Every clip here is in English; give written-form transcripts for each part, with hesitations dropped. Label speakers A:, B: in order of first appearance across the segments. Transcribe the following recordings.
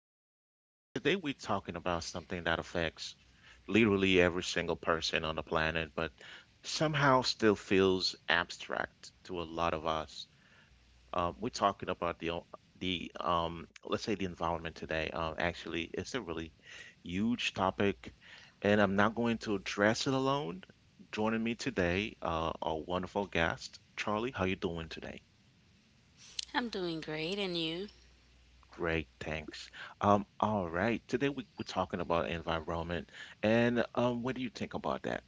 A: to our show. So, today we're talking about something that affects literally every single person on the planet, but somehow still feels abstract to a lot of us. We're talking about the o- the let's say the environment today. Actually, it's a really huge topic, and I'm not going to address it alone. Joining me today, our wonderful guest, Charlie. How you doing today?
B: I'm doing great, and you?
A: Great, thanks. All right. Today we're talking about environment and what do you think about that?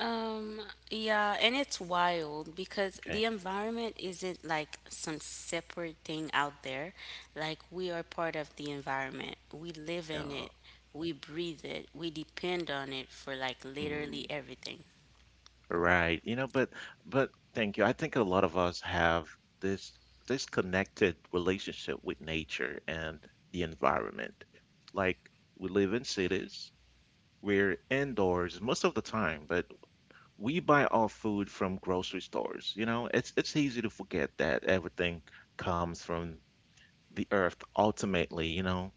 B: Um, yeah, and it's wild because the
A: Okay.
B: environment isn't like some separate thing out there. Like, we are part of the environment, we live in
A: Uh,
B: it, we breathe it, we depend on it for like literally
A: mm,
B: everything.
A: right. But thank you. I think a lot of us have this this connected relationship with nature and the environment. Like we live in cities, we're indoors most of the time, but we buy our food from grocery stores. You know, it's easy to forget that everything comes from the Earth ultimately, you know?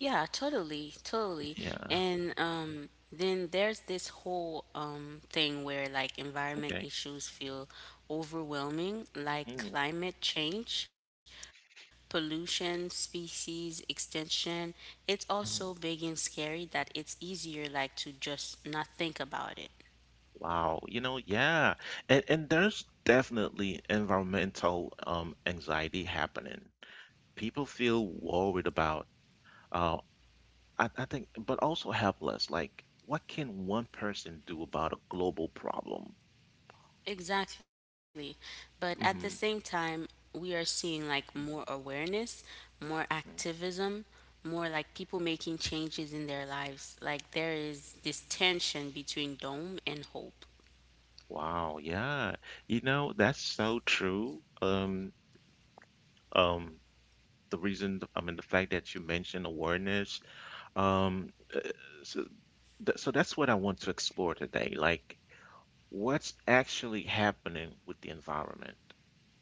B: Yeah, totally, totally.
A: Yeah,
B: And Then there's this whole thing where like environment
A: okay.
B: issues feel overwhelming, like
A: Mm,
B: climate change, pollution, species extinction. It's also big and
A: mhm.
B: scary that it's easier like to just not think about it.
A: Wow. You know, yeah. And there's definitely environmental anxiety happening. People feel worried about uh I think but also helpless. Like what can one person do about a global problem?
B: Exactly. But at the
A: Hmm.
B: same time, we are seeing like more awareness, more activism, more like people making changes in their lives. Like there is this tension between dome and hope.
A: Wow, yeah. You know, that's so true. Um the reason, I mean, the fact that you mentioned awareness, um uh, so that's what I want to explore today. Like, what's actually happening with the environment?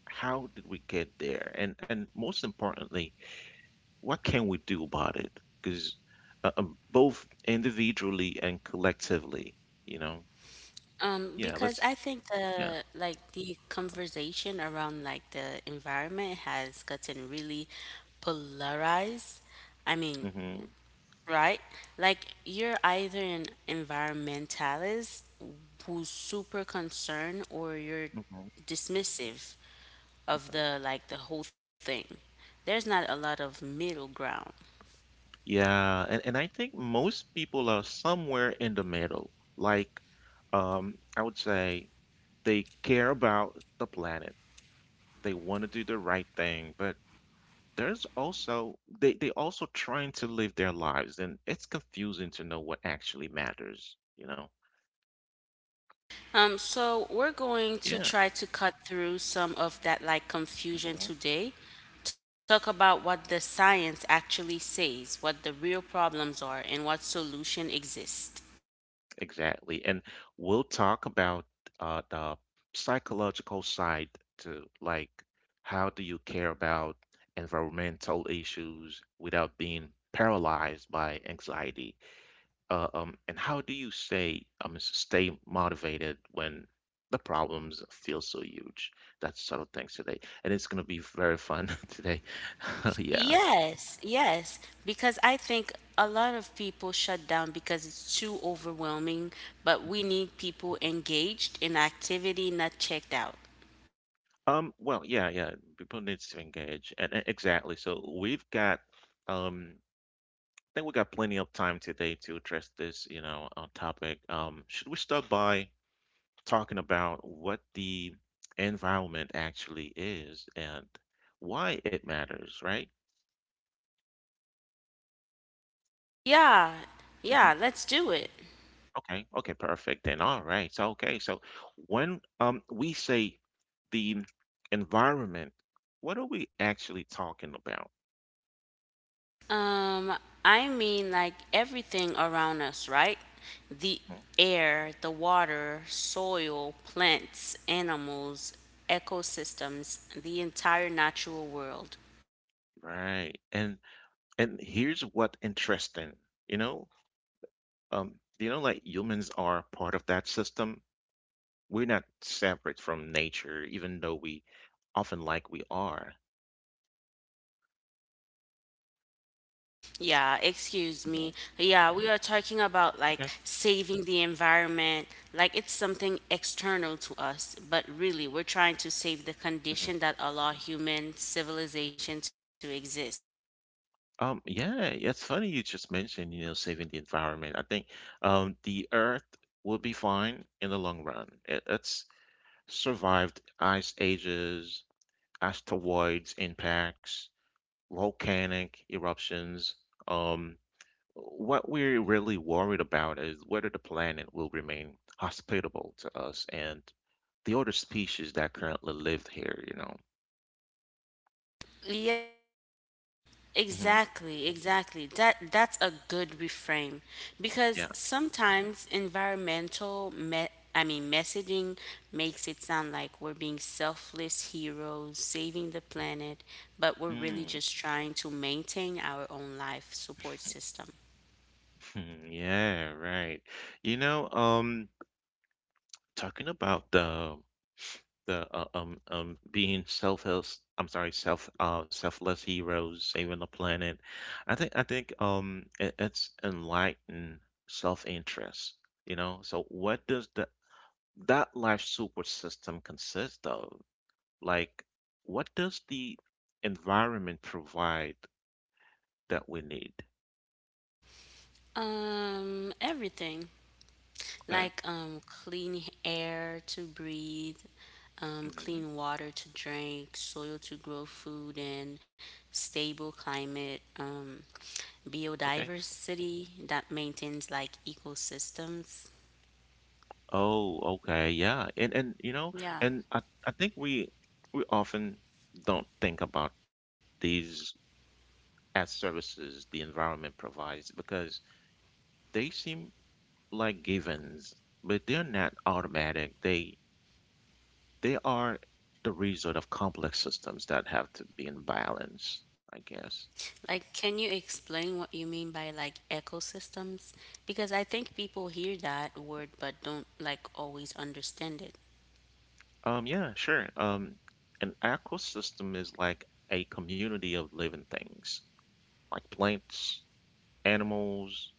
A: How did we get there? And most importantly, what can we do about it? Because both individually and collectively, you know. Yeah,
B: Because
A: let's.
B: I think
A: Yeah.
B: the conversation around like the environment has gotten really polarized. I mean,
A: Hmm.
B: right? Like you're either an environmentalist who's super concerned or you're
A: Hmm.
B: dismissive
A: Okay.
B: of the whole thing. There's not a lot of middle ground.
A: Yeah, and I think most people are somewhere in the middle. Like, I would say they care about the planet. They want to do the right thing, but there's also they also trying to live their lives, and it's confusing to know what actually matters.
B: So we're going to
A: Yeah.
B: try to cut through some of that like
A: Mhm.
B: confusion today. Talk about what the science actually says, what the real problems are, and what solution exists.
A: Exactly, and we'll talk about the psychological side to, like, how do you care about environmental issues without being paralyzed by anxiety. And how do you stay motivated when the problems feel so huge? That's sort of things today, and it's gonna be very fun today. Yeah.
B: Yes, yes, because I think a lot of people shut down because it's too overwhelming, but we need people engaged in activity, not checked out.
A: Well, yeah, yeah. People need to engage, and exactly. So we've got, um, I think we got plenty of time today to address this topic. Should we start by talking about what the environment actually is and why it matters, right?
B: Yeah, yeah, let's do it.
A: Okay, okay, perfect then. All right. So okay, so when we say the environment, what are we actually talking about?
B: Um, I mean, like everything around us, right? The
A: Mm.
B: air, the water, soil, plants, animals, ecosystems, the entire natural world.
A: Right. And here's what interesting, you know, like humans are part of that system. We're not separate from nature, even though we often like we are.
B: Yeah, excuse
A: Mhm.
B: me. Yeah, we are talking about like saving the environment, like it's something external to us, but really we're trying to save the
A: Okay.
B: condition that allow human civilization to exist.
A: Yeah, it's funny you just mentioned saving the environment. I think, the Earth will be fine in the long run. It's survived ice ages, asteroids impacts, volcanic eruptions. Um, what we're really worried about is whether the planet will remain hospitable to us and the other species that currently live here, you know. Hmm.
B: Exactly, exactly. That's a good reframe because
A: Yeah.
B: sometimes I mean messaging makes it sound like we're being selfless heroes saving the planet, but we're really
A: Mm,
B: just trying to maintain our own life support system.
A: yeah, right. You know, um, talking about the being selfless, I'm sorry, self selfless heroes saving the planet. I think it's enlightened self-interest, you know. So what does that life support system consist of, like what does the environment provide that we need?
B: Everything.
A: Okay.
B: Like clean air to breathe,
A: Hmm.
B: clean water to drink, soil to grow food in, stable climate,
A: Okay.
B: biodiversity that maintains like ecosystems.
A: Oh, okay, yeah. And and you know,
B: Yeah,
A: and I think we often don't think about these as services the environment provides because they seem like givens, but they're not automatic. They are the result of complex systems that have to be in balance, I guess.
B: like can you explain what you mean by like ecosystems, because I think people hear that word but don't like always understand it.
A: Yeah, sure. An ecosystem is like a community of living things, like plants, animals,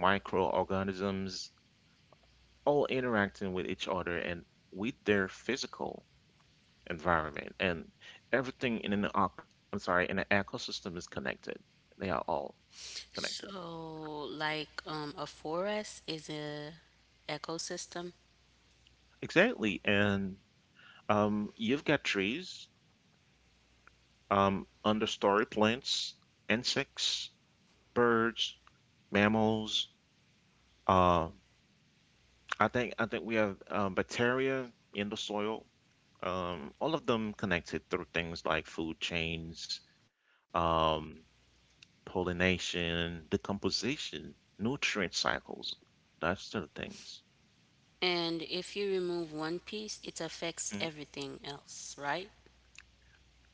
A: microorganisms, all interacting with each other and with their physical environment, and everything in I'm sorry, in an ecosystem is connected. They are all connected.
B: So like a forest is a ecosystem.
A: Exactly. And, you've got trees, understory plants, insects, birds, mammals. Uh, I think we have, bacteria in the soil. All of them connected through things like food chains, um, pollination, decomposition, nutrient cycles, that sort of things.
B: And if you remove one piece, it affects
A: Mhm.
B: everything else, right?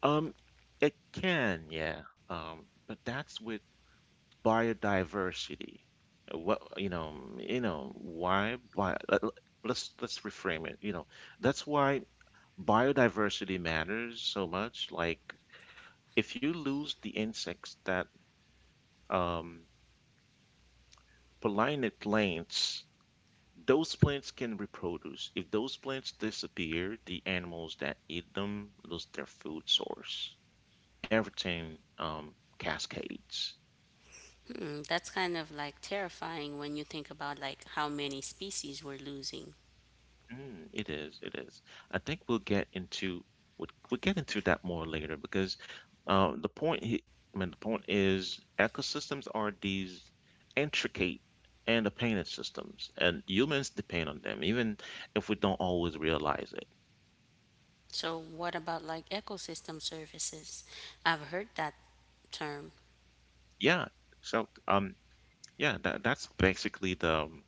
A: Um, it can, yeah. But that's with biodiversity. What you know, why bi Let's reframe it. You know, that's why biodiversity matters so much. Like if you lose the insects that um pollinate plants. Those plants can reproduce. If those plants disappear, the animals that eat them lose their food source. Everything, cascades.
B: Hmm, that's kind of like terrifying when you think about like how many species we're losing.
A: Mm, it is. It is. I think we'll get into that more later because, the point I mean the point is ecosystems are these intricate and dependent systems, and humans depend on them, even if we don't always realize it.
B: So what about like ecosystem services? I've heard that term.
A: Yeah. So yeah, that's basically the,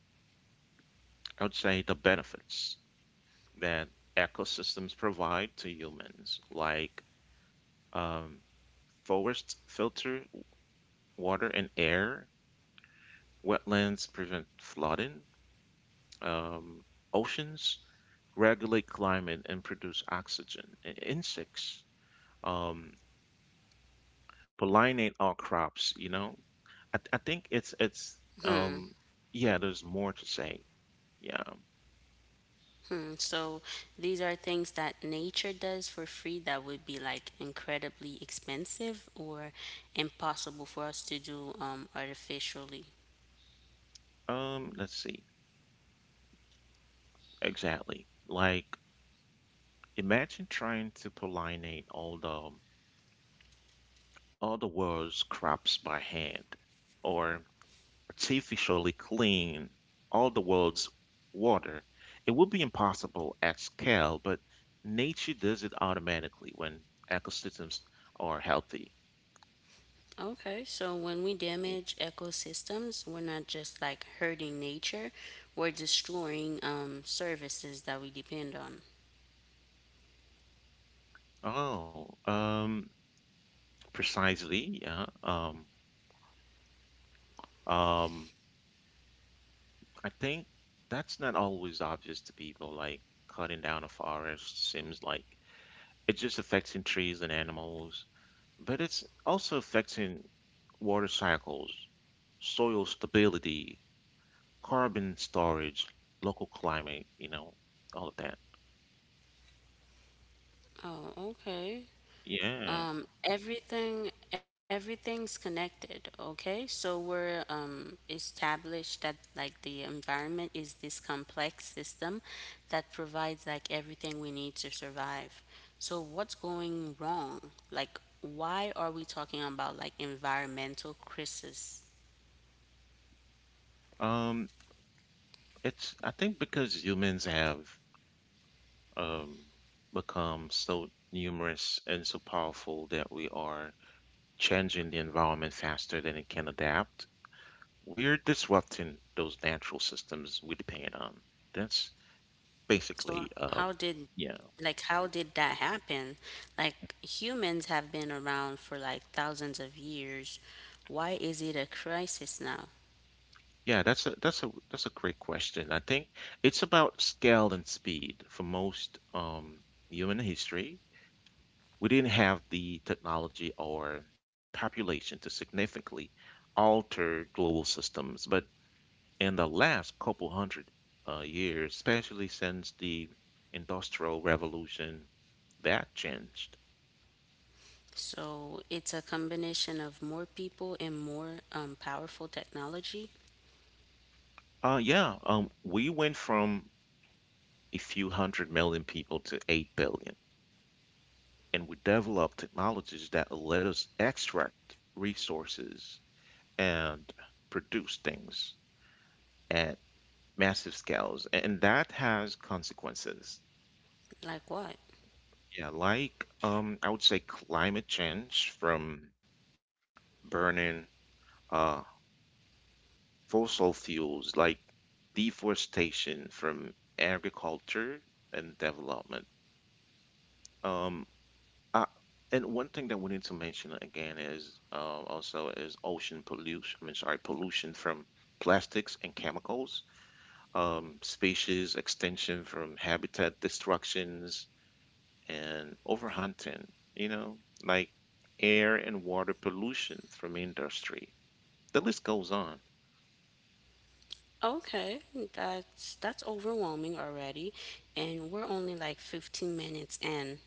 A: I would say, the benefits that ecosystems provide to humans, like, um, forests filter water and air, wetlands prevent flooding, um, oceans regulate climate and produce oxygen, insects, um, pollinate our crops, you know? I think um, yeah, there's more to say. Yeah.
B: Hmm, so these are things that nature does for free that would be like incredibly expensive or impossible for us to do artificially.
A: Let's see. Exactly. Like, imagine trying to pollinate all the world's crops by hand, or artificially clean all the world's water. It would be impossible at scale, but nature does it automatically when ecosystems are healthy.
B: Okay, so when we damage ecosystems, we're not just like hurting nature, we're destroying services that we depend on.
A: Oh, precisely, yeah. Um, I think that's not always obvious to people. Like cutting down a forest seems like it's just affecting trees and animals, but it's also affecting water cycles, soil stability, carbon storage, local climate, you know, all of that.
B: Oh, okay.
A: Yeah.
B: Everything everything's connected, okay? So we're established that like the environment is this complex system that provides like everything we need to survive. So what's going wrong? Like why are we talking about like environmental crisis?
A: Um, it's, I think, because humans have um become so numerous and so powerful that we are changing the environment faster than it can adapt. We're disrupting those natural systems we depend on. That's
B: So
A: basically.
B: how did,
A: Yeah.
B: how did that happen? Like humans have been around for like thousands of years. Why is it a crisis now?
A: Yeah, that's a great question. I think it's about scale and speed for most human history. We didn't have the technology or population to significantly alter global systems, but in the last couple hundred years, especially since the Industrial Revolution, that changed.
B: So it's a combination of more people and more powerful technology.
A: Yeah, we went from a few 100 million people to 8 billion, and we develop technologies that let us extract resources and produce things at massive scales, and that has consequences.
B: Like what?
A: Yeah, like, I would say climate change from burning uh fossil fuels, like deforestation from agriculture and development. Um Uh, and one thing that we need to mention again is, also, is ocean pollution. I mean, sorry, pollution from plastics and chemicals, species extinction from habitat destructions and overhunting. You know, like air and water pollution from industry. The list goes on.
B: Okay, that's overwhelming already, and we're only like 15 minutes in.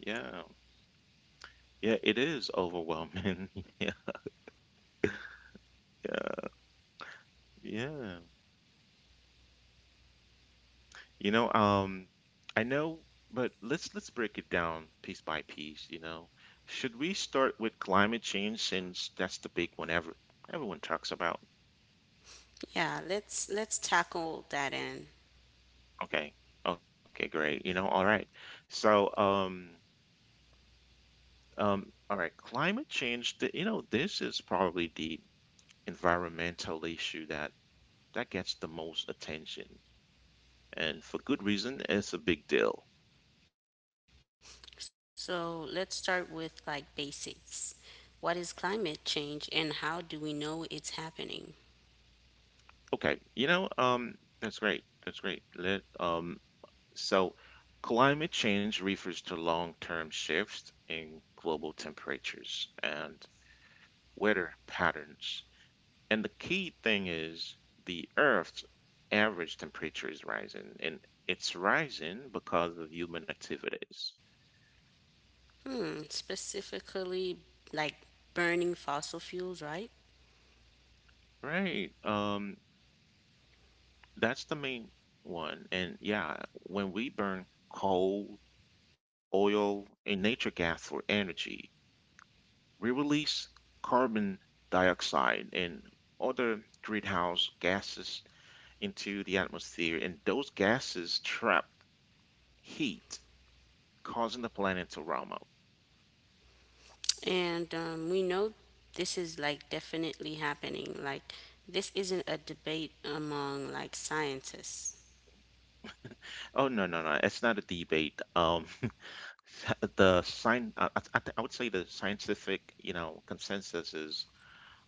A: Yeah, yeah, it is overwhelming. Yeah, yeah. Yeah. You know, I know, but let's break it down piece by piece, you know. Should we start with climate change since that's the big one everyone talks about?
B: Yeah, let's tackle that in.
A: Okay, okay, great. You know, all right. So, all right, climate change. This is probably the environmental issue that gets the most attention, and for good reason, it's a big deal.
B: So let's start with like basics. What is climate change and how do we know it's happening?
A: Okay, you know, that's great. That's great. Let So, climate change refers to long term shifts in global temperatures and weather patterns. And the key thing is the Earth's average temperature is rising, and it's rising because of human activities.
B: Hmm, specifically like burning fossil fuels, right?
A: Right. That's the main one. And yeah, when we burn coal, oil, and nature gas for energy, we release carbon dioxide and other greenhouse gases into the atmosphere, and those gases trap heat, causing the planet to warm up.
B: And we know this is like definitely happening. Like this isn't a debate among like scientists.
A: Oh no, no, no! It's not a debate. I would say the scientific, you know, consensus is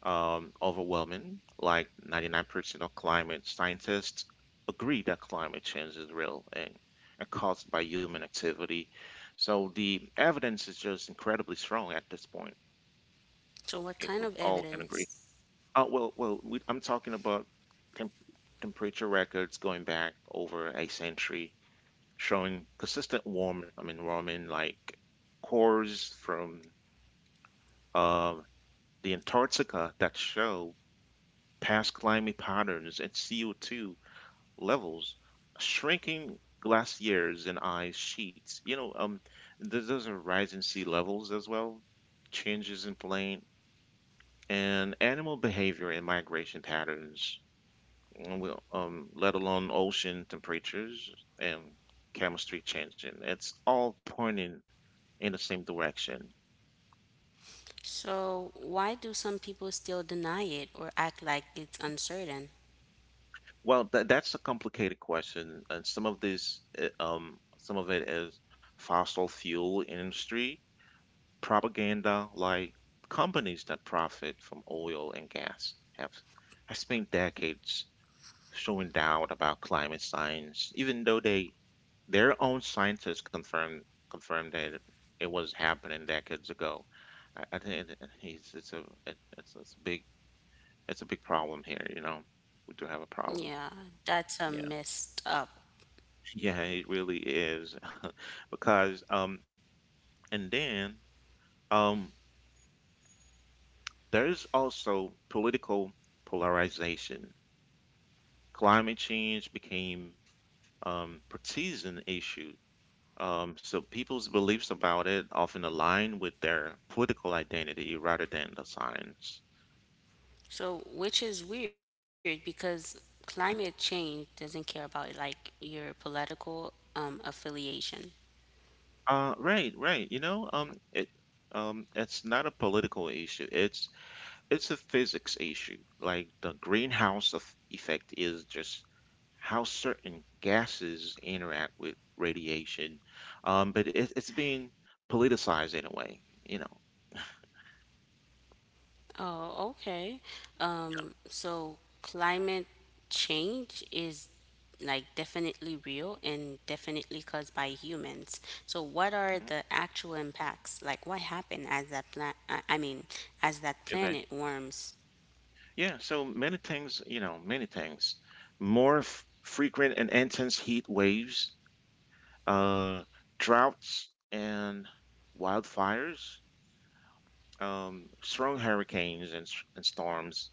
A: overwhelming. Like 99% of climate scientists agree that climate change is real, and caused by human activity. So the evidence is just incredibly strong at this point,
B: So what
A: if
B: kind
A: we
B: of
A: all can agree.
B: evidence?
A: Well, I'm talking about temp- temperature records going back over a century, showing consistent warm, I mean, warming, like cores from, uh, the Antarctica that show past climate patterns and CO2 levels, shrinking glaciers and ice sheets. You know, those are rising sea levels as well, changes in plane and animal behavior and migration patterns. Let alone ocean temperatures and chemistry changing. It's all pointing in the same direction.
B: So why do some people still deny it or act like it's uncertain?
A: Well, that's a complicated question, and some of it is fossil fuel industry propaganda, like companies that profit from oil and gas have spent decades showing doubt about climate science, even though they their own scientists confirmed that it was happening decades ago. I think it, it's a it, it's a big problem here, you know. We do have a problem.
B: Yeah,
A: Yeah.
B: that's a messed up.
A: Yeah, it really is. Because and then um there is also political polarization. Climate change became partisan issue. So people's beliefs about it often align with their political identity rather than the science.
B: So, which is weird because climate change doesn't care about like your political affiliation.
A: Right, right. You know, it's not a political issue. It's a physics issue. Like the greenhouse effect is just how certain gases interact with radiation. But it's being politicized in a way, you know.
B: Oh, okay. So climate change is like definitely real and definitely caused by humans. So what are
A: Mhm.
B: the actual impacts? Like what happened as that planet? I mean, as that
A: Okay.
B: planet warms?
A: Yeah. So many things, you know, many things. More frequent and intense heat waves, uh, droughts and wildfires, strong hurricanes and storms.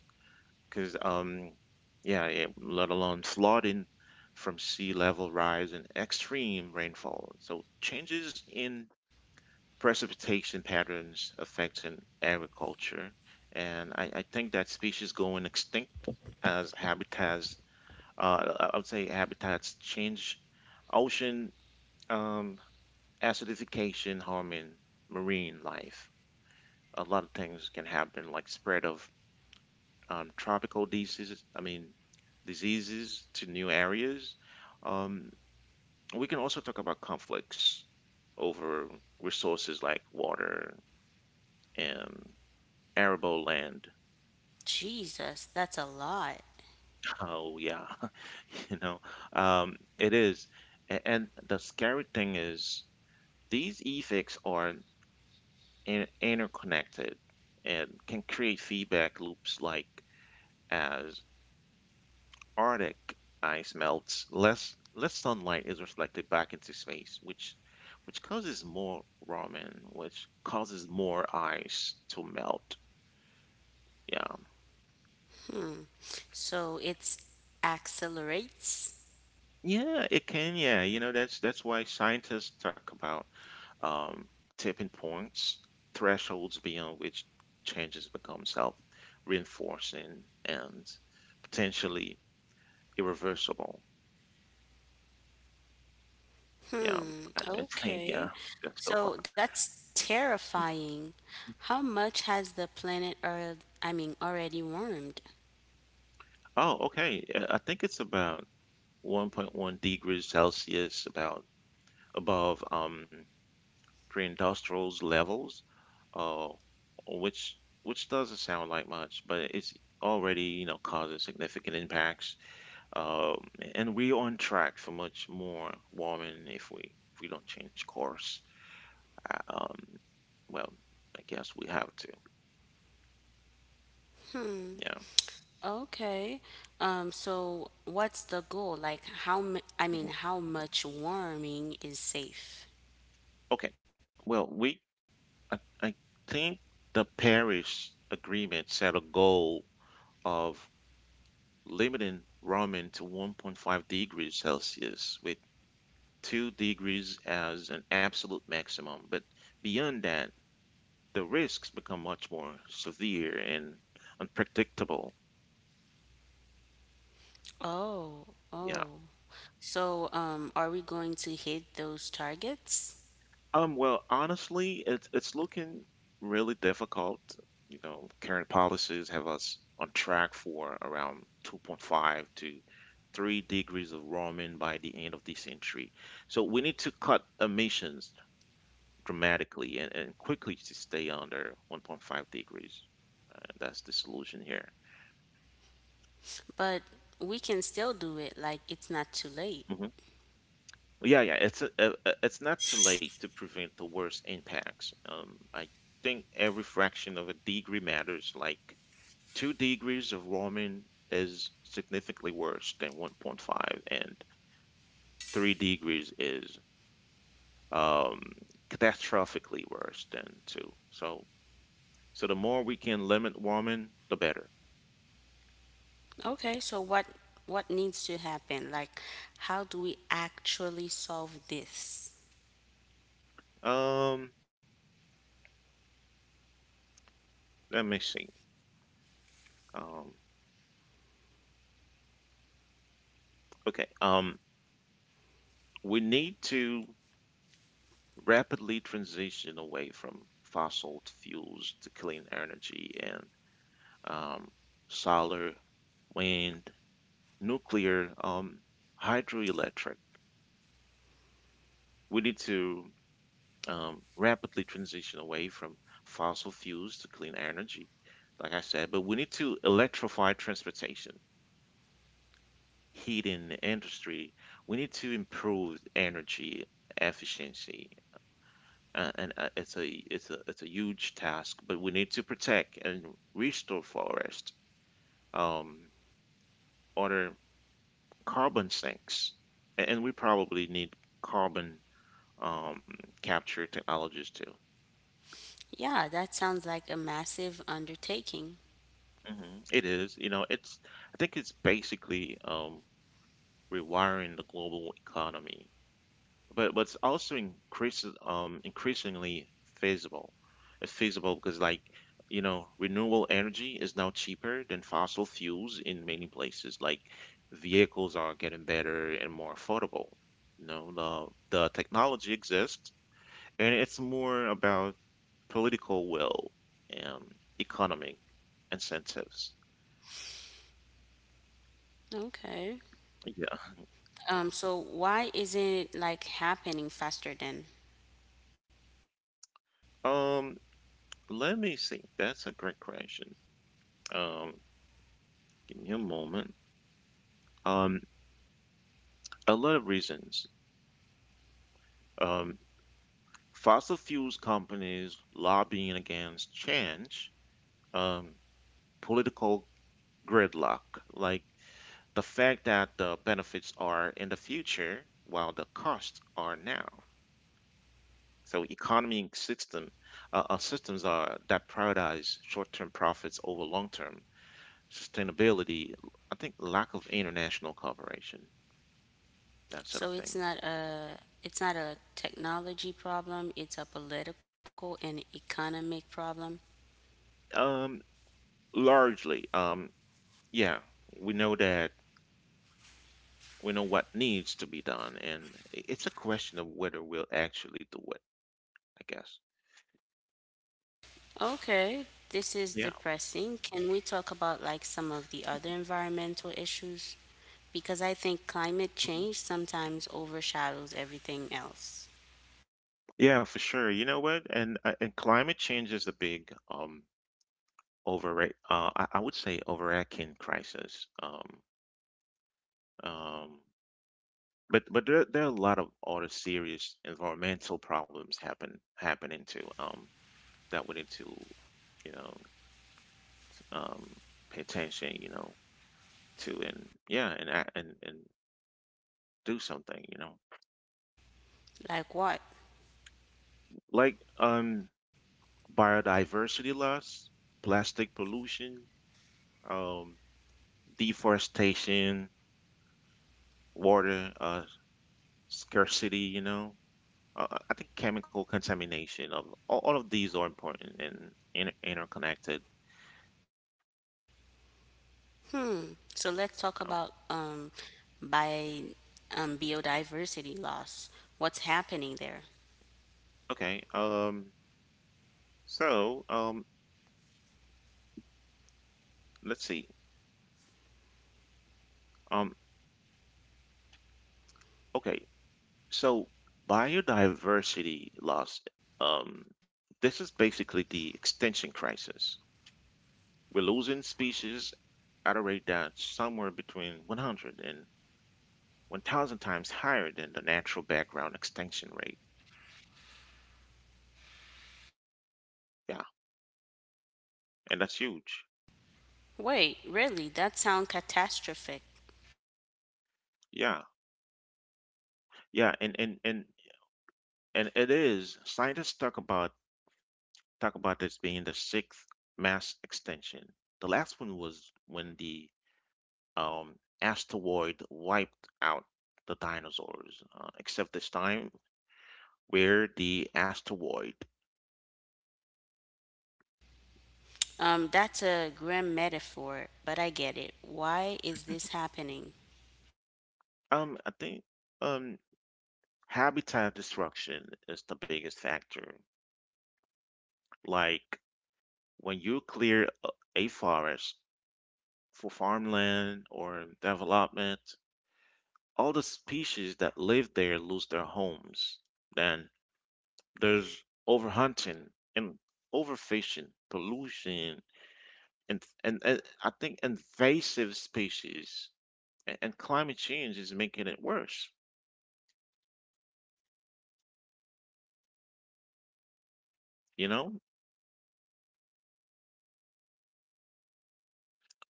A: Because um, yeah, Let alone flooding from sea level rise and extreme rainfall. So changes in precipitation patterns affecting agriculture, and I think that species going extinct as habitats. I would say habitats change, ocean um, acidification harming marine life. A lot of things can happen, like spread of tropical diseases to new areas. Um, we can also talk about conflicts over resources like water and arable land.
B: Jesus, that's a lot.
A: Oh, yeah, you know, it is. And the scary thing is, these effects are interconnected and can create feedback loops like as Arctic ice melts, less sunlight is reflected back into space, which causes more ramen, which causes more ice to melt. Yeah.
B: So it's accelerates.
A: Yeah, it can, yeah. You know, that's why scientists talk about um, tipping points, thresholds beyond which changes become self-reinforcing and potentially irreversible. Yeah,
B: Hmm,
A: I I think,
B: okay.
A: yeah, that's so far.
B: So that's terrifying. How much has the planet Earth, I mean, already warmed?
A: Oh, okay. I think it's about 1.1 degrees Celsius, about above pre-industrial levels, uh, which which doesn't sound like much, but it's already, you know, causing significant impacts. Um, and we're on track for much more warming if we don't change course. Uh, um, well, I guess we have to. Yeah.
B: Okay. So what's the goal? Like how m I mean,
A: Mhm.
B: how much warming is safe?
A: Okay. Well, we I think the Paris Agreement set a goal of limiting warming to 1.5 degrees Celsius, with 2 degrees as an absolute maximum. But beyond that, the risks become much more severe and unpredictable.
B: Oh,
A: Yeah.
B: oh. So, are we going to hit those targets?
A: Honestly, it's looking really difficult. You know, current policies have us on track for around 2.5 to 3 degrees of warming by the end of this century. So we need to cut emissions dramatically and quickly to stay under 1.5 degrees. That's the solution here.
B: But we can still do it, like it's not too late.
A: Hmm. Yeah, yeah, it's a- it's not too late to prevent the worst impacts. I think every fraction of a degree matters. Like 2 degrees of warming is significantly worse than 1.5, and 3 degrees is um, catastrophically worse than two. So the more we can limit warming, the better.
B: Okay, so what needs to happen? Like, how do we actually solve this?
A: Um, let me see. Um, okay. We need to rapidly transition away from fossil fuels to clean energy and um, solar, wind, nuclear, hydroelectric. We need to rapidly transition away from fossil fuels to clean energy, like I said, but we need to electrify transportation, heating, industry. We need to improve energy efficiency. And it's a it's a it's a huge task, but we need to protect and restore forest, um, other carbon sinks. And we probably need carbon um, capture technologies too.
B: Yeah, that sounds like a massive undertaking.
A: Mhm. It is, you know, it's I think it's basically rewiring the global economy, but it's also increases increasingly feasible. It's feasible because like, you know, renewable energy is now cheaper than fossil fuels in many places. Like vehicles are getting better and more affordable. You know, the technology exists and it's more about political will and economic incentives.
B: Okay. So why isn't it like happening faster then?
A: Um, let me see. That's a great question. Um, give me a moment. Um, a lot of reasons. Um, Fossil fuels companies lobbying against change, um, political gridlock, like the fact that the benefits are in the future while the costs are now. So economy system, systems are that prioritize short-term profits over long-term sustainability, I think lack of international cooperation, that sort of
B: So it's
A: thing.
B: not a, it's not a technology problem, it's a political and economic problem.
A: Um, largely, um, yeah, we know that we know what needs to be done, and it's a question of whether we'll actually do it, I guess.
B: Okay, this is
A: Yeah.
B: depressing. Can we talk about like some of the other environmental issues? Because I think climate
A: Mhm.
B: change sometimes overshadows everything else.
A: Yeah, for sure. You know what? And climate change is a big overrate. I would say overarching crisis. Um, but there are a lot of other serious environmental problems happening to that we need to, you know, um pay attention, you know, to and yeah and do something, you know,
B: Like what?
A: like biodiversity loss, plastic pollution, um deforestation, water scarcity, you know. I think chemical contamination of all of these are important and interconnected
B: Hmm. So let's talk
A: um,
B: about by biodiversity loss. What's happening there?
A: Okay. So, let's see. Um, okay. So, biodiversity loss. Um, this is basically the extinction crisis. We're losing species at a rate that's somewhere between 100 and 1,000 times higher than the natural background extinction rate. Yeah, and that's huge.
B: Wait, really? That sounds catastrophic.
A: Yeah, yeah, and it is. Scientists talk about this being the sixth mass extinction. The last one was when the um, asteroid wiped out the dinosaurs, except this time where the asteroid,
B: That's a grim metaphor, but I get it. Why is this happening?
A: um, I think, um, habitat destruction is the biggest factor. Like when you clear a forest for farmland or development, all the species that live there lose their homes. Then there's overhunting and overfishing, pollution, and I think invasive species and climate change is making it worse. You know,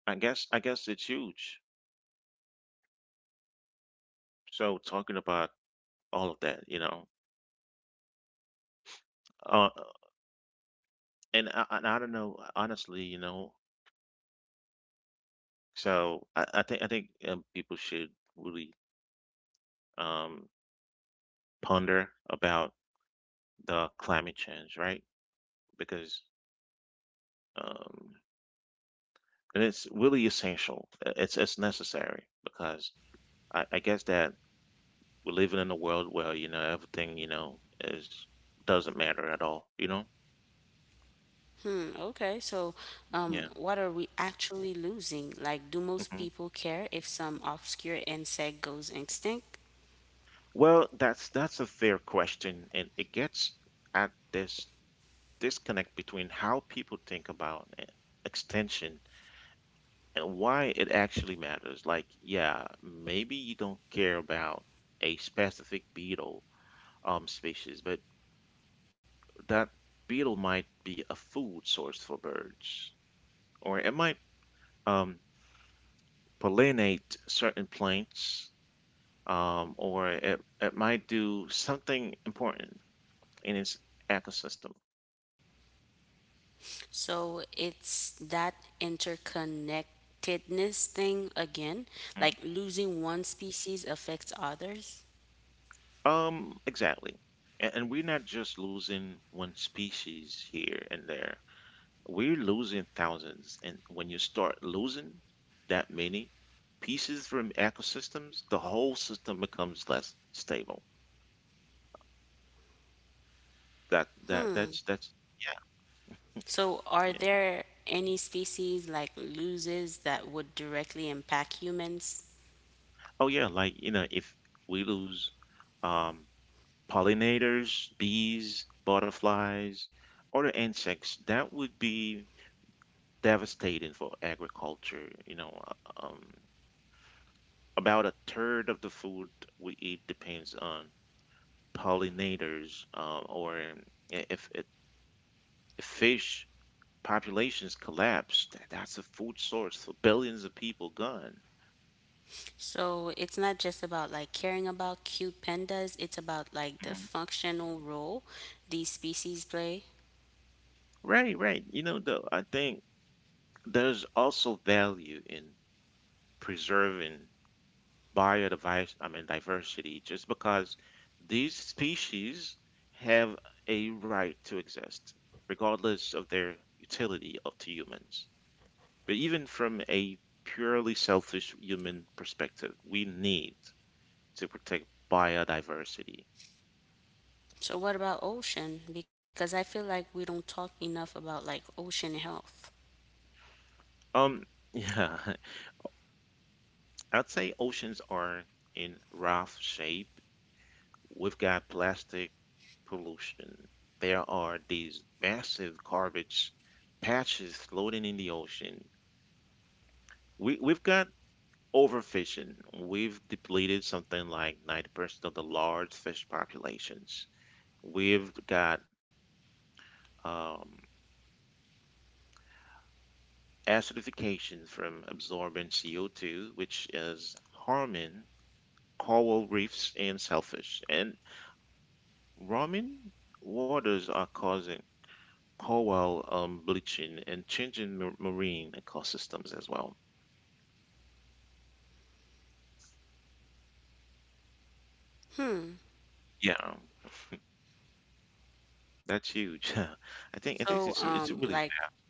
A: I guess it's huge. So talking about all of that, you know, uh, and I don't know honestly, you know. So I think people should really um, ponder about the climate change, right? Because um, and it's really essential. It's necessary because I guess that we're living in a world where you know everything you know is doesn't matter at all. You know?
B: Hmm, okay, so what are
A: Yeah.
B: we actually losing? Like, do most people
A: Hmm.
B: care if some obscure insect goes extinct?
A: Well, that's a fair question, and it gets at this disconnect between how people think about extension and why it actually matters. Like, yeah, maybe you don't care about a specific beetle species, but that beetle might be a food source for birds, or it might um, pollinate certain plants, or it might do something important in its ecosystem.
B: So it's that interconnectedness thing again, like
A: Mhm.
B: losing one species affects others.
A: Exactly. And we're not just losing one species here and there. We're losing thousands. And when you start losing that many pieces from ecosystems, the whole system becomes less stable. That's
B: So are
A: Yeah.
B: there any species like loses that would directly impact humans?
A: Oh yeah, like you know, if we lose um pollinators, bees, butterflies, other insects, that would be devastating for agriculture. You know, uh, um, about a third of the food we eat depends on pollinators, or if if fish populations collapse, that's a food source for billions of people gone.
B: So it's not just about like caring about cute pandas, it's about like the
A: Mhm.
B: functional role these species play.
A: Right, right. You know, though, I think there's also value in preserving biodiversity, I mean diversity, just because these species have a right to exist, regardless of their utility up to humans. But even from a purely selfish human perspective, we need to protect biodiversity.
B: So what about ocean? Because I feel like we don't talk enough about like ocean health.
A: Um, yeah, I'd say oceans are in rough shape. We've got plastic pollution. There are these massive garbage patches floating in the ocean. We've got overfishing. We've depleted something like 90% of the large fish populations. We've got um, acidification from absorbing CO2, which is harming coral reefs and shellfish. And warming waters are causing coral bleaching and changing marine ecosystems as well. Yeah, that's huge. I think I
B: So
A: think it's a really vast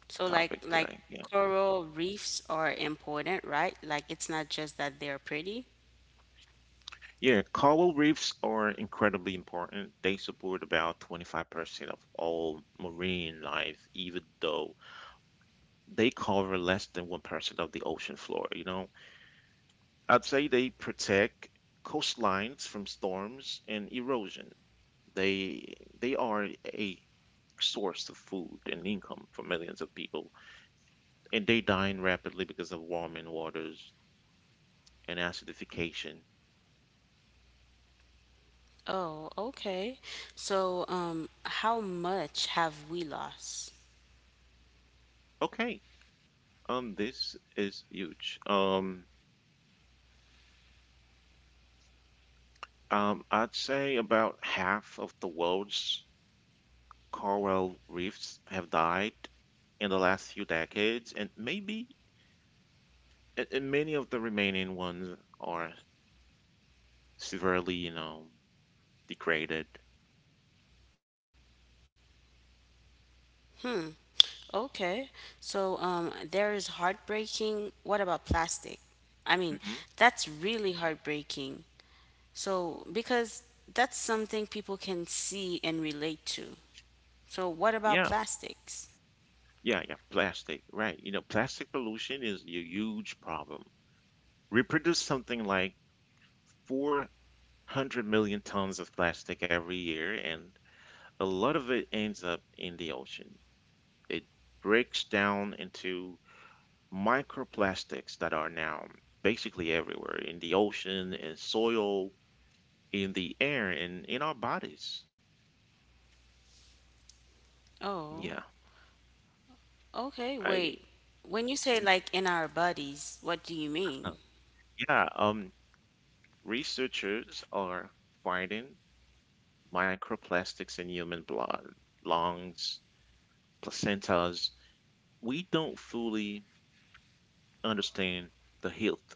B: so like
A: today.
B: like
A: Yeah.
B: coral reefs are important, right? Like it's not just that they're pretty.
A: Yeah, coral reefs are incredibly important. They support about 25% of all marine life, even though they cover less than 1% of the ocean floor, you know. I'd say they protect coastlines from storms and erosion. They are a source of food and income for millions of people and they dying rapidly because of warming waters and acidification.
B: Oh, okay. So how much have we lost?
A: Okay, this is huge. I'd say about half of the world's coral reefs have died in the last few decades, and maybe and many of the remaining ones are severely, you know, degraded.
B: Okay. So there is heartbreaking. What about plastic? I mean,
A: Hmm.
B: that's really heartbreaking. So, because that's something people can see and relate to. So, what about
A: Yeah,
B: plastics?
A: yeah. Plastic, right? You know, plastic pollution is a huge problem. We produce something like 400 million tons of plastic every year, and a lot of it ends up in the ocean. It breaks down into microplastics that are now basically everywhere in the ocean, in soil, in the air, and in our bodies.
B: Oh,
A: Yeah.
B: okay.
A: I
B: Wait. When you say like in our bodies, what do you mean?
A: yeah, researchers are finding microplastics in human blood, lungs, placentas. We don't fully understand the health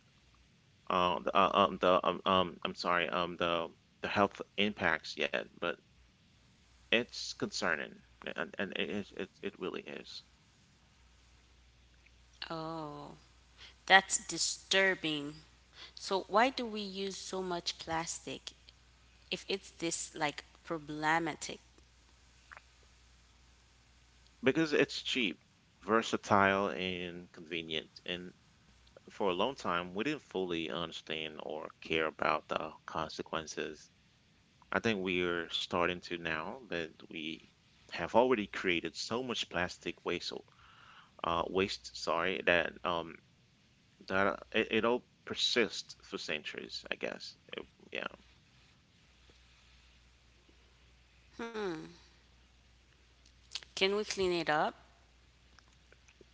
A: the I'm sorry, the health impacts yet, but it's concerning, and it really is
B: Oh, that's disturbing. So, why do we use so much plastic if it's this like problematic?
A: because it's cheap, versatile, and convenient. And for a long time, we didn't fully understand or care about the consequences. I think we're starting to now, but we have already created so much plastic waste, waste, sorry, that that it'll persist for centuries, I guess. Yeah,
B: Can we clean it up?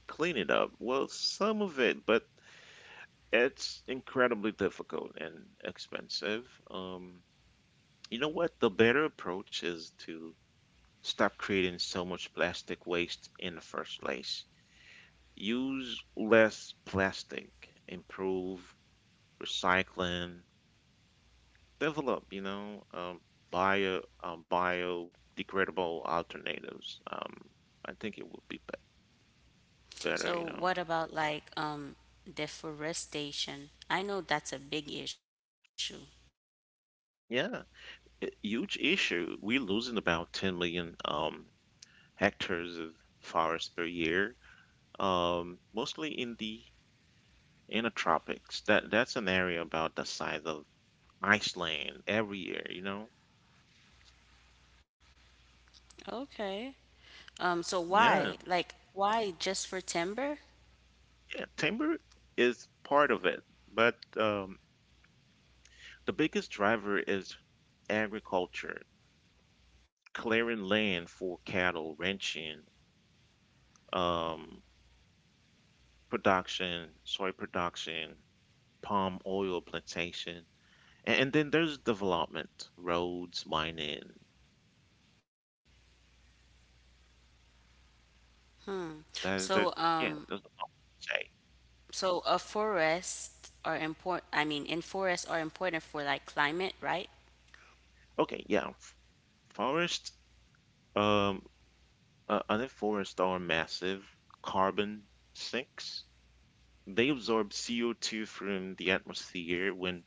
A: clean it up. Well, some of it, but it's incredibly difficult and expensive. You know what? The better approach is to stop creating so much plastic waste in the first place. Use less plastic, improve recycling, develop, biodegradable alternatives. I think it would be better,
B: So
A: you know.
B: what about deforestation? I know that's a big issue.
A: Yeah, a huge issue. We're losing about 10 million hectares of forest per year, mostly in the tropics. That's an area about the size of Iceland every year, you know.
B: Okay. So
A: Yeah,
B: why? Like why just for timber?
A: yeah, timber is part of it, but the biggest driver is agriculture, clearing land for cattle ranching, um, production, soy production, palm oil plantation. And then there's development, roads, mining. There,
B: So
A: there's yeah, there's a lot to say.
B: a forest are important, I mean in forests are important for like climate, right?
A: Okay, yeah, forest. Um, other forests are massive carbon sinks. They absorb CO2 from the atmosphere. When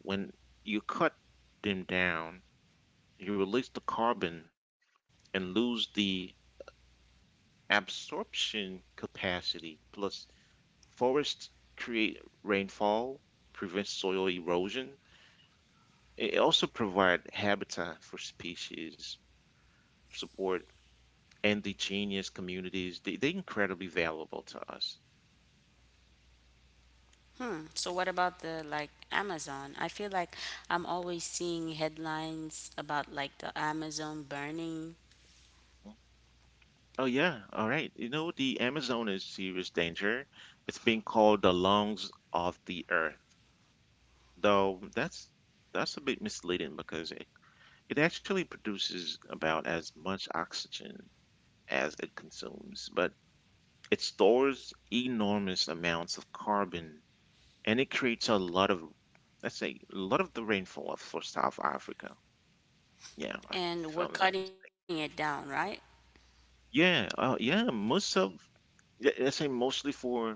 A: when you cut them down, you release the carbon and lose the absorption capacity. Plus, forests create rainfall, prevent soil erosion. It also provide habitat for species, support indigenous communities. They're incredibly valuable to us.
B: Hmm. So what about the like Amazon? I feel like I'm always seeing headlines about like the Amazon burning
A: Oh yeah, all right. You know, the Amazon is serious danger. It's being called the lungs of the earth. Though that's a bit misleading because it actually produces about as much oxygen as it consumes. But it stores enormous amounts of carbon and it creates a lot of, let's say, a lot of the rainfall for South Africa. Yeah, if
B: and
A: I'm
B: we're
A: not, mis-
B: cutting it down, right?
A: yeah, let's say mostly for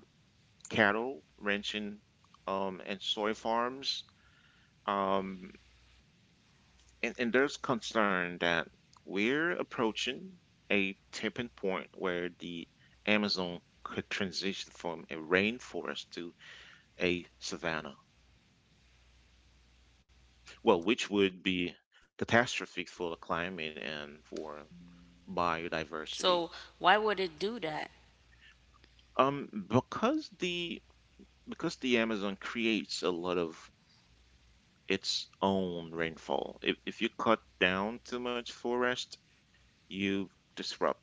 A: cattle, ranching, and soy farms. Um, and there's concern that we're approaching a tipping point where the Amazon could transition from a rainforest to a savanna. Well, which would be catastrophic for the climate and
B: So
A: for
B: why would it do that?
A: biodiversity. Because the Amazon creates a lot of its own rainfall. If you cut down too much forest, you disrupt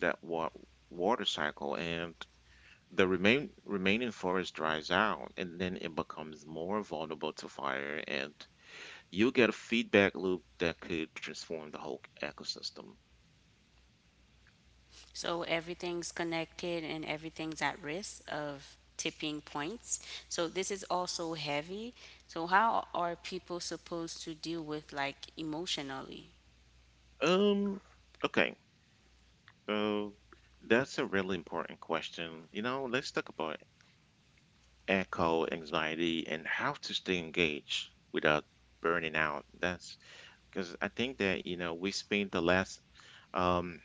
A: that wa- water cycle, and the remaining forest dries out, and then it becomes more vulnerable to fire, and you get a feedback loop that could transform the whole ecosystem.
B: So everything's connected and everything's at risk of tipping points. So this is also heavy. So how are people supposed to deal with like emotionally?
A: Um, okay. So that's a really important question. You know, let's talk about echo anxiety and how to stay engaged without burning out. That's because I think that, you know, we spent the last um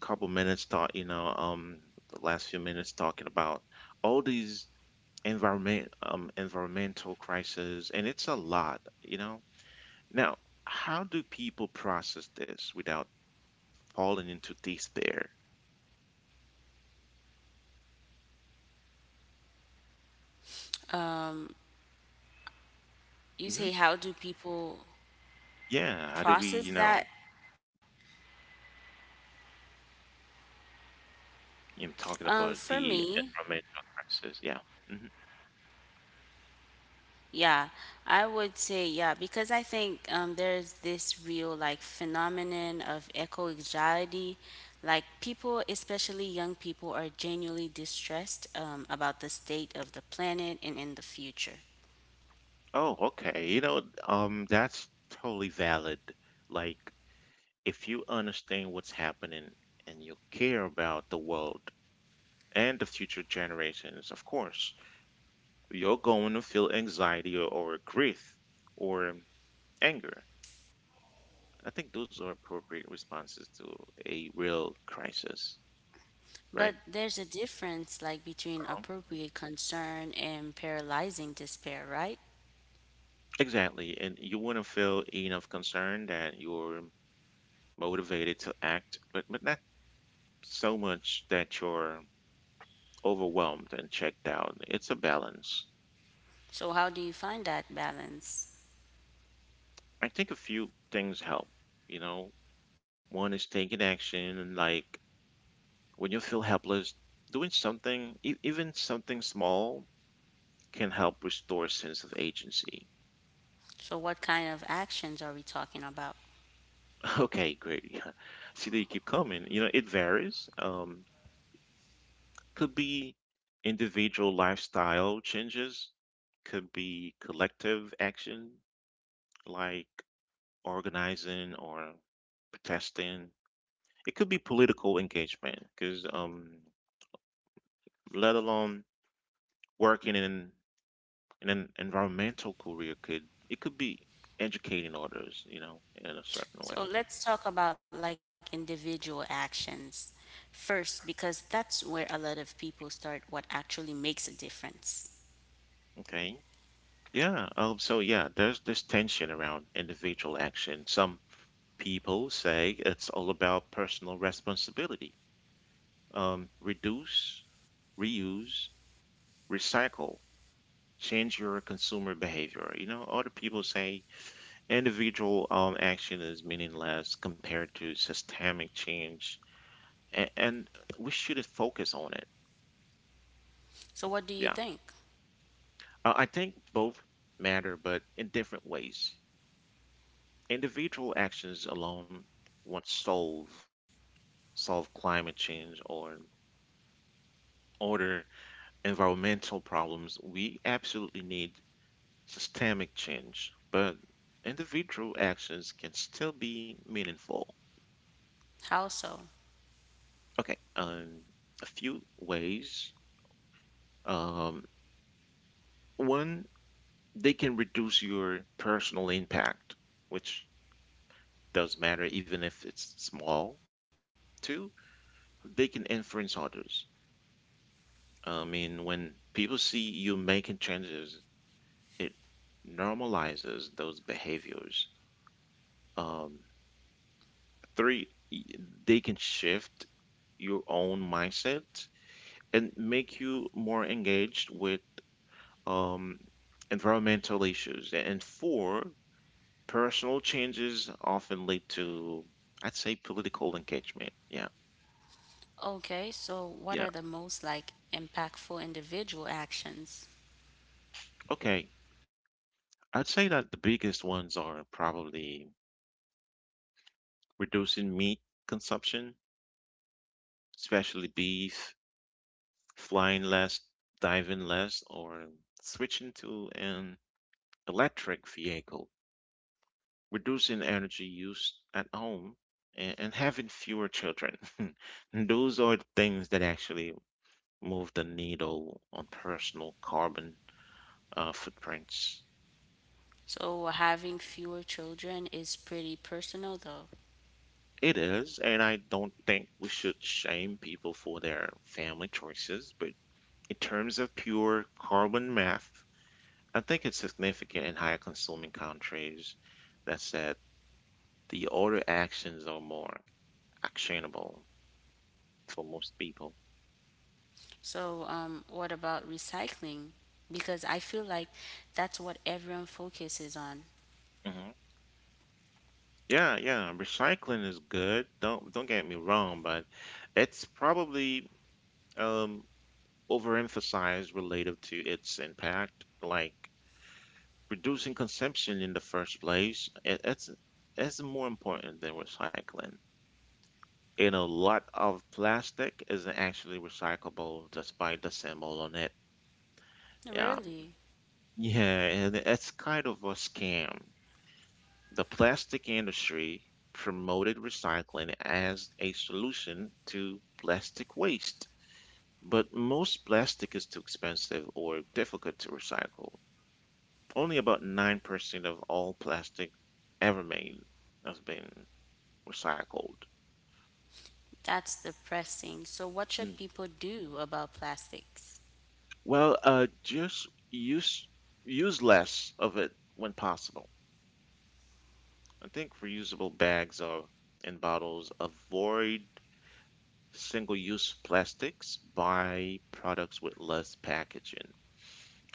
A: couple minutes talk, you know, the last few minutes talking about all these environmental crises and it's a lot, you know. Now, how do people process this without falling into despair?
B: You
A: Mm-hmm.
B: say how do people
A: Yeah, how do we,
B: process that?
A: you know, talking about
B: For
A: the
B: me,
A: environmental crisis? Yeah. Hmm.
B: yeah, I would say yeah because I think there's this real like phenomenon of eco anxiety. Like people, especially young people, are genuinely distressed about the state of the planet and in the future.
A: Oh, okay. That's totally valid. Like, if you understand what's happening and you care about the world and the future generations, of course, you're going to feel anxiety or grief or anger. I think those are appropriate responses to a real crisis,
B: But
A: right?
B: there's a difference like between appropriate concern and paralyzing despair, right?
A: Exactly, and you want to feel enough concern that you're motivated to act, but not so much that you're overwhelmed and checked out. It's a balance.
B: So how do you find that balance?
A: I think a few things help. You know, one is taking action, and like when you feel helpless, doing something, even something small, can help restore a sense of agency.
B: So what kind of actions are we talking about?
A: Okay, great. See that you keep coming. You know, it varies. Could be individual lifestyle changes, could be collective action like organizing or protesting. It could be political engagement because, let alone working in an environmental career, could it could be educating others, you know, in a certain way.
B: So let's talk about like individual actions first, because that's where a lot of people start what actually makes a difference.
A: Okay. Yeah. So yeah, there's this tension around individual action. Some people say it's all about personal responsibility reduce, reuse, recycle, change your consumer behavior. You know, other people say individual action is meaningless compared to systemic change, and we should focus on it.
B: So, what do
A: Yeah,
B: you think?
A: I think both matter, but in different ways. Individual actions alone won't solve climate change or other environmental problems. We absolutely need systemic change, but individual actions can still be meaningful.
B: How so?
A: Okay, a few ways. Um, one, they can reduce your personal impact, which does matter even if it's small. Two, they can influence others. I mean, when people see you making changes, it normalizes those behaviors. Um, three, they can shift your own mindset and make you more engaged with um, environmental issues. And four, personal changes often lead to, I'd say, political engagement. Yeah,
B: Okay, so what are the
A: yeah.
B: most like impactful individual actions?
A: Okay, I'd say that the biggest ones are probably reducing meat consumption, especially beef, flying less, diving less, or switching to an electric vehicle. Reducing energy use at home, and having fewer children. And those are the things that actually move the needle on personal carbon footprints.
B: So, having fewer children is pretty personal though.
A: It is, and I don't think we should shame people for their family choices, but in terms of pure carbon math, I think it's significant in higher consuming countries. That said, the other actions are more actionable for most people.
B: So, what about recycling? Because I feel like that's what everyone focuses on.
A: Mhm. Yeah, yeah, recycling is good. Don't get me wrong, but it's probably um overemphasized relative to its impact, like reducing consumption in the first place. It's more important than recycling. You know, a lot of plastic isn't actually recyclable despite the symbol on it. Yeah.
B: Really?
A: Yeah, and it's kind of a scam. The plastic industry promoted recycling as a solution to plastic waste, but most plastic is too expensive or difficult to recycle. Only about 9% of all plastic ever made has been recycled.
B: That's depressing. So, what
A: Mm.
B: should people do about plastics?
A: Well, just use less of it when possible. I think reusable bags are and bottles avoid single-use plastics, buy products with less packaging,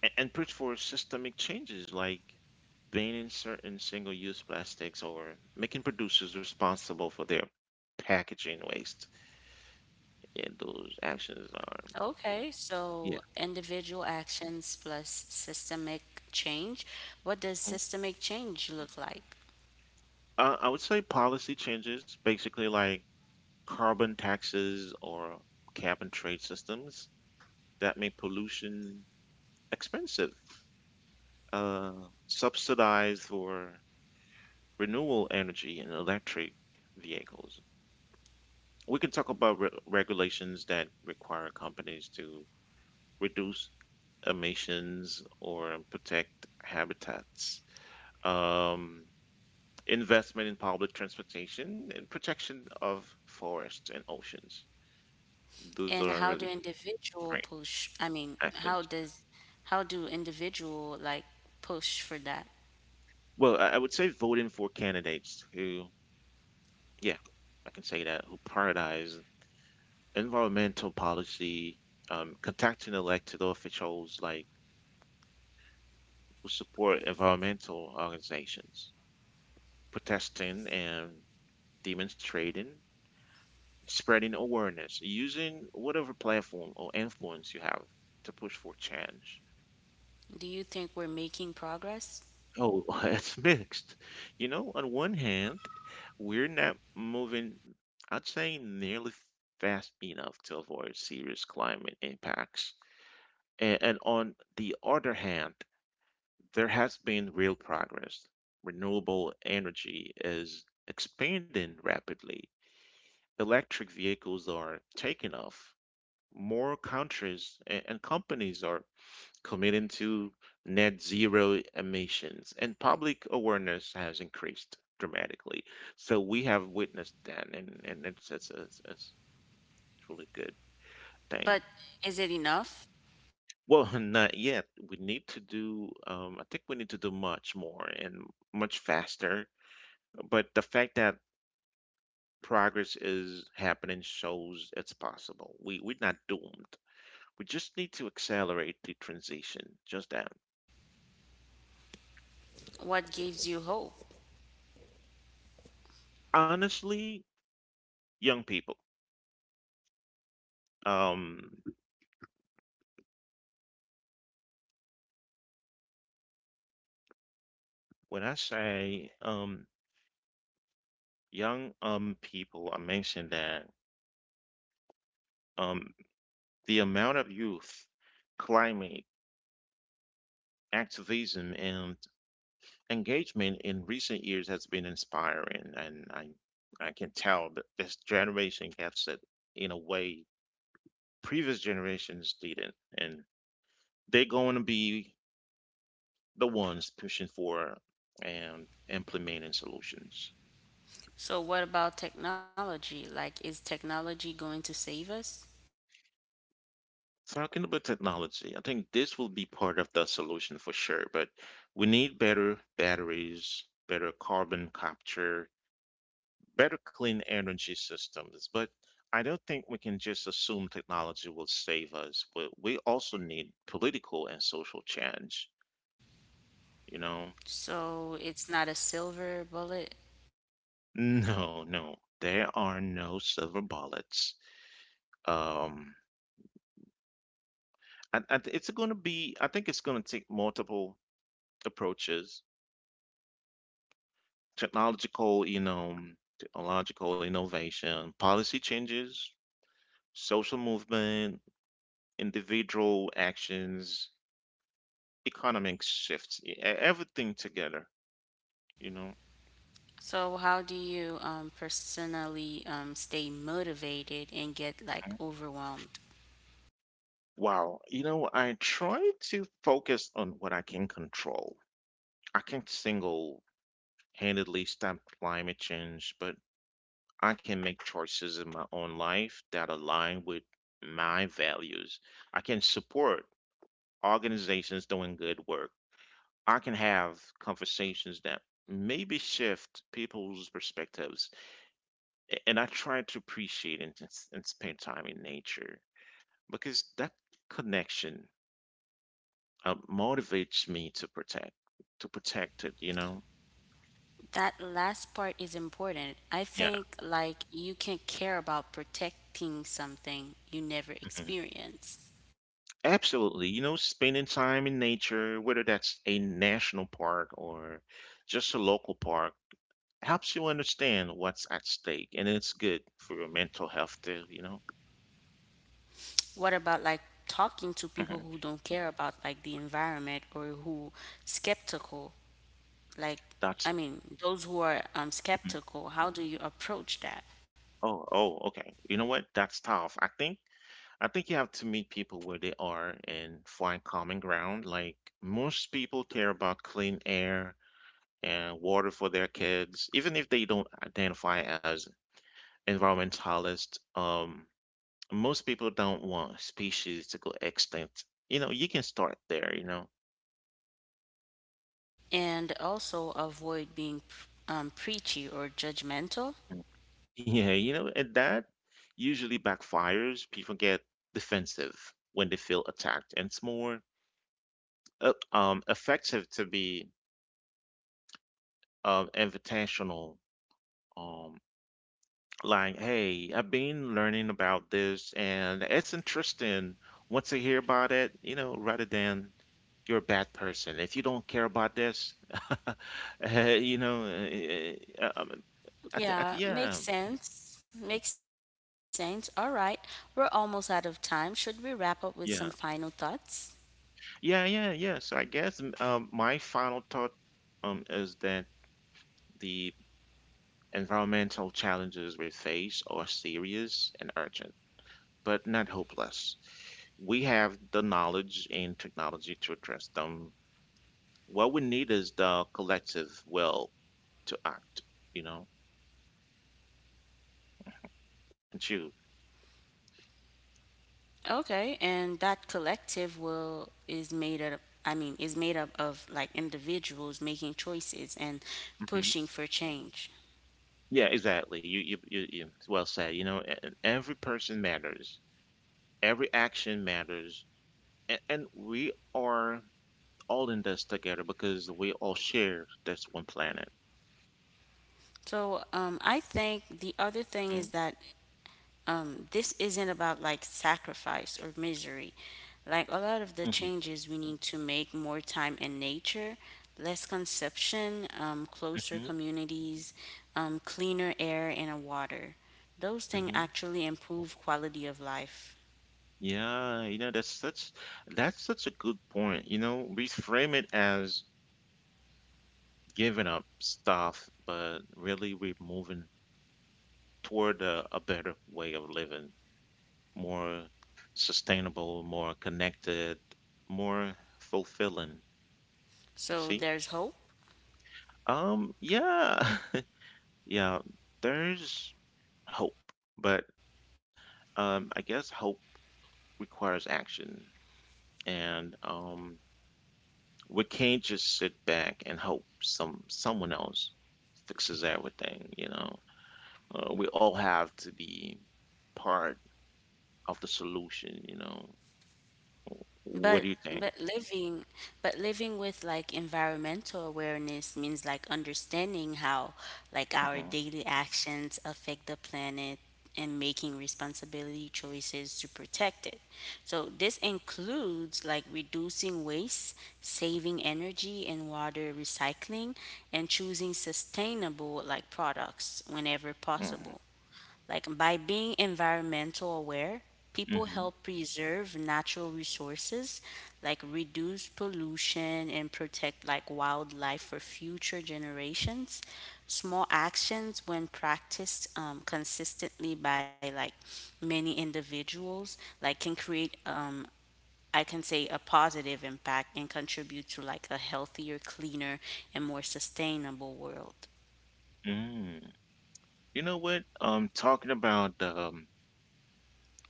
A: and push for systemic changes like banning certain single-use plastics or making producers responsible for their packaging waste. Yeah, those actions
B: Okay,
A: are
B: so
A: yeah.
B: individual actions plus systemic change. What does
A: Mhm.
B: systemic change look like?
A: I would say policy changes, basically like carbon taxes or cap and trade systems that make pollution expensive, uh, subsidized or renewable energy and electric vehicles. We can talk about regulations that require companies to reduce emissions or protect habitats, um, investment in public transportation, and protection of forests and oceans. Those
B: And
A: are
B: how do
A: really
B: individual
A: great
B: push?
A: actions.
B: How do individual like push for that?
A: Well, I would say voting for candidates who, yeah, I can say that, who prioritize environmental policy, contacting elected officials like who support environmental organizations, protesting and demonstrating, spreading awareness, using whatever platform or influence you have to push for change.
B: Do you think we're making progress?
A: Oh, it's mixed. You know, on one hand, we're not moving, I'd say, nearly fast enough to avoid serious climate impacts. And on the other hand, there has been real progress. Renewable energy is expanding rapidly. Electric vehicles are taking off. More countries and companies are committing to net zero emissions, and public awareness has increased dramatically. So we have witnessed that, and it's truly good
B: But is it
A: thing.
B: enough?
A: Well, not yet. We need to do, I think we need to do much more and much faster. But the fact that progress is happening shows it's possible. We're not doomed. We just need to accelerate the transition. Just that.
B: What gives you hope?
A: Honestly, young people. Um, when I say young people, I mentioned that um the amount of youth, climate, activism, and engagement in recent years has been inspiring, and I can tell that this generation gets it in a way previous generations didn't, and they're going to be the ones pushing for and implementing solutions.
B: So, what about technology? Like, is technology going to save us?
A: Talking about technology, I think this will be part of the solution for sure, but we need better batteries, better carbon capture, better clean energy systems. But I don't think we can just assume technology will save us. But we also need political and social change, you know?
B: So it's not a silver bullet.
A: No, no, there are no silver bullets. Um, and it's going to be, I think it's going to take multiple approaches, technological, you know, technological innovation, policy changes, social movement, individual actions, economic shifts, everything together, you know.
B: So how do you personally stay motivated and get like overwhelmed?
A: Wow, you know, I try to focus on what I can control. I can't single-handedly stop climate change, but I can make choices in my own life that align with my values. I can support organizations doing good work. I can have conversations that maybe shift people's perspectives. And I try to appreciate and spend time in nature because that connection motivates me to protect it, you know?
B: That last part is important. I
A: Yeah.
B: think like you can care about protecting something you never
A: Mm-hmm.
B: experienced.
A: Absolutely. You know, spending time in nature, whether that's a national park or just a local park, helps you understand what's at stake, and it's good for your mental health too, you know?
B: What about like talking to people
A: Mhm.
B: who don't care about like the environment or who skeptical? Like I
A: That's
B: mean, those who are
A: mhm.
B: skeptical, how do you approach that?
A: Oh, oh, okay. You know what? That's tough. I think you have to meet people where they are and find common ground. Like most people care about clean air and water for their kids, even if they don't identify as environmentalist. Most people don't want species to go extinct. You know, you can start there, you know.
B: And also avoid being preachy or judgmental.
A: Mm. Yeah, you know, and that usually backfires. People get defensive when they feel attacked, and it's more effective to be invitational. Um, like, hey, I've been learning about this, and it's interesting. Once I hear about it, you know, rather than you're a bad person if you don't care about this. You know, at the,
B: Yeah,
A: yeah,
B: makes sense. Makes sense. All right, we're almost out of time. Should we wrap up with some final
A: yeah,
B: thoughts?
A: yeah, yeah, yeah. So I guess my final thought is that the environmental challenges we face are serious and urgent, but not hopeless. We have the knowledge and technology to address them. What we need is the collective will to act, you know, and you.
B: Okay, and that collective will is made up, is made up of like individuals making choices and
A: Hmm.
B: pushing for change.
A: Yeah, exactly. You, well said. You know, every person matters. Every action matters. And we are all in this together because we all share this one planet.
B: So I think the other thing is
A: Mhm,
B: that this isn't about like sacrifice or misery. Like a lot of the
A: mhm,
B: changes we need to make more time in nature, less consumption, closer
A: mhm,
B: communities, cleaner air and water. Those things
A: mhm.
B: actually improve quality of life.
A: Yeah, you know, that's such a good point. You know, we frame it as giving up stuff, but really we're moving toward a better way of living, more sustainable, more connected, more fulfilling. You
B: So
A: see?
B: there's hope.
A: Yeah, yeah, there's hope, but I guess hope requires action, and we can't just sit back and hope someone else fixes everything. You know, we all have to be part of the solution. You know, what
B: But
A: do you think?
B: but living but living with like environmental awareness means like understanding how like our
A: Hmm.
B: daily actions affect the planet and making responsibility choices to protect it. So this includes like reducing waste, saving energy and water recycling and choosing sustainable like products whenever
A: Hmm.
B: possible. Like by being environmental aware, people
A: Hmm.
B: help preserve natural resources, like reduce pollution and protect like wildlife for future generations. Small actions when practiced consistently by like many individuals, like can create I can say a positive impact and contribute to like a healthier, cleaner, and more sustainable world.
A: Mm. You know what? Talking about the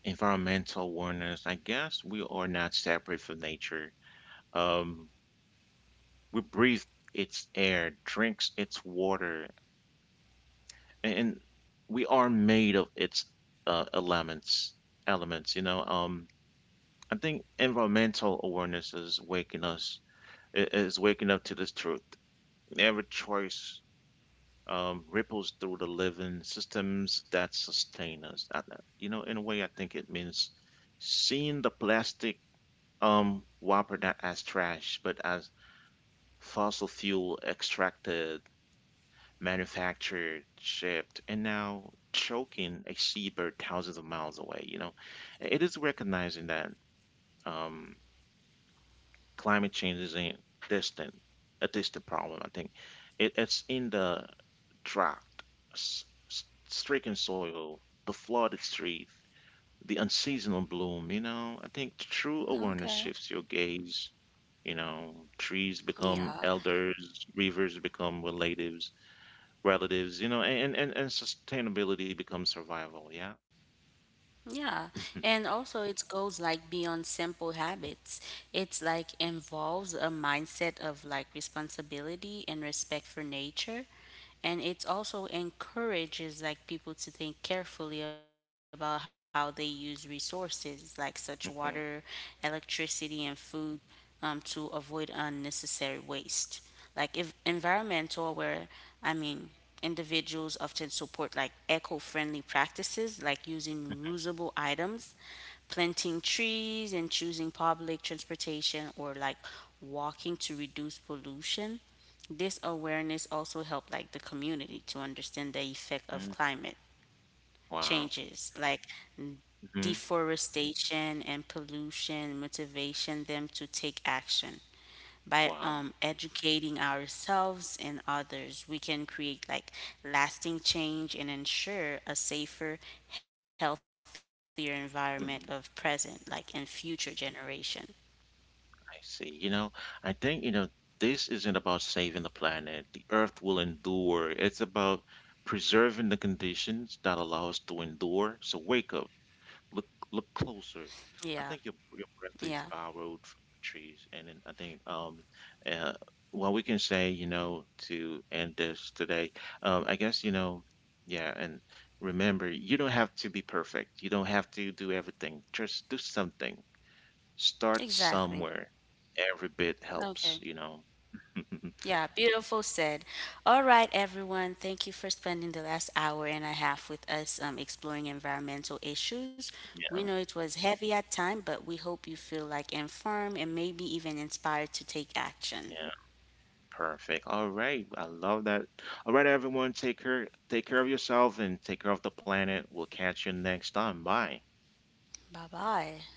A: environmental awareness, I guess we are not separate from nature. Um, we breathe its air, drinks its water, and we are made of its elements. Elements. I think environmental awareness is waking is waking up to this truth. Every choice ripples through the living systems that sustain us. You know, in a way I think it means seeing the plastic whopper not as trash but as fossil fuel extracted, manufactured, shipped, and now choking a seabird thousands of miles away. You know, it is recognizing that um, climate change isn't distant, a distant problem. I think it's in the drought, s- stricken soil, the flooded street, the unseasonal bloom. You know, I think true awareness
B: Okay.
A: shifts your gaze. You know, trees become
B: Yeah.
A: elders, rivers become relatives, and sustainability becomes survival. Yeah.
B: Yeah, and also it goes like beyond simple habits. It's like involves a mindset of like responsibility and respect for nature. And it also encourages like people to think carefully about how they use resources like such water,
A: Mhm.
B: electricity, and food to avoid unnecessary waste. Like if environmental where I mean individuals often support like eco-friendly practices like using reusable items, planting trees and choosing public transportation or like walking to reduce pollution. This awareness also helped like the community to understand the effect of
A: Mhm.
B: climate
A: Wow.
B: changes like
A: Hmm.
B: deforestation and pollution motivation them to take action by
A: Wow.
B: educating ourselves and others we can create like lasting change and ensure a safer, healthier environment of present like
A: Hmm.
B: and future generation.
A: I see. You know, I think, you know, this isn't about saving the planet. The earth will endure. It's about preserving the conditions that allow us to endure. So wake up. Look closer.
B: Yeah,
A: I think your
B: yeah,
A: breath is borrowed from the trees, and then I think uh what we can say, you know, to end this today, I guess you know, yeah, and remember, you don't have to be perfect. You don't have to do everything. Just do something. Start
B: exactly,
A: somewhere. Every bit helps,
B: okay.
A: you know.
B: Yeah, beautiful said. All right, everyone. Thank you for spending the last hour and a half with us exploring environmental issues. We
A: Yeah,
B: know it was heavy at time, but we hope you feel like informed and maybe even inspired to take action.
A: yeah. Perfect. All right. I love that. All right, everyone, take care of yourself and take care of the planet. We'll catch you next time. Bye.
B: Bye bye.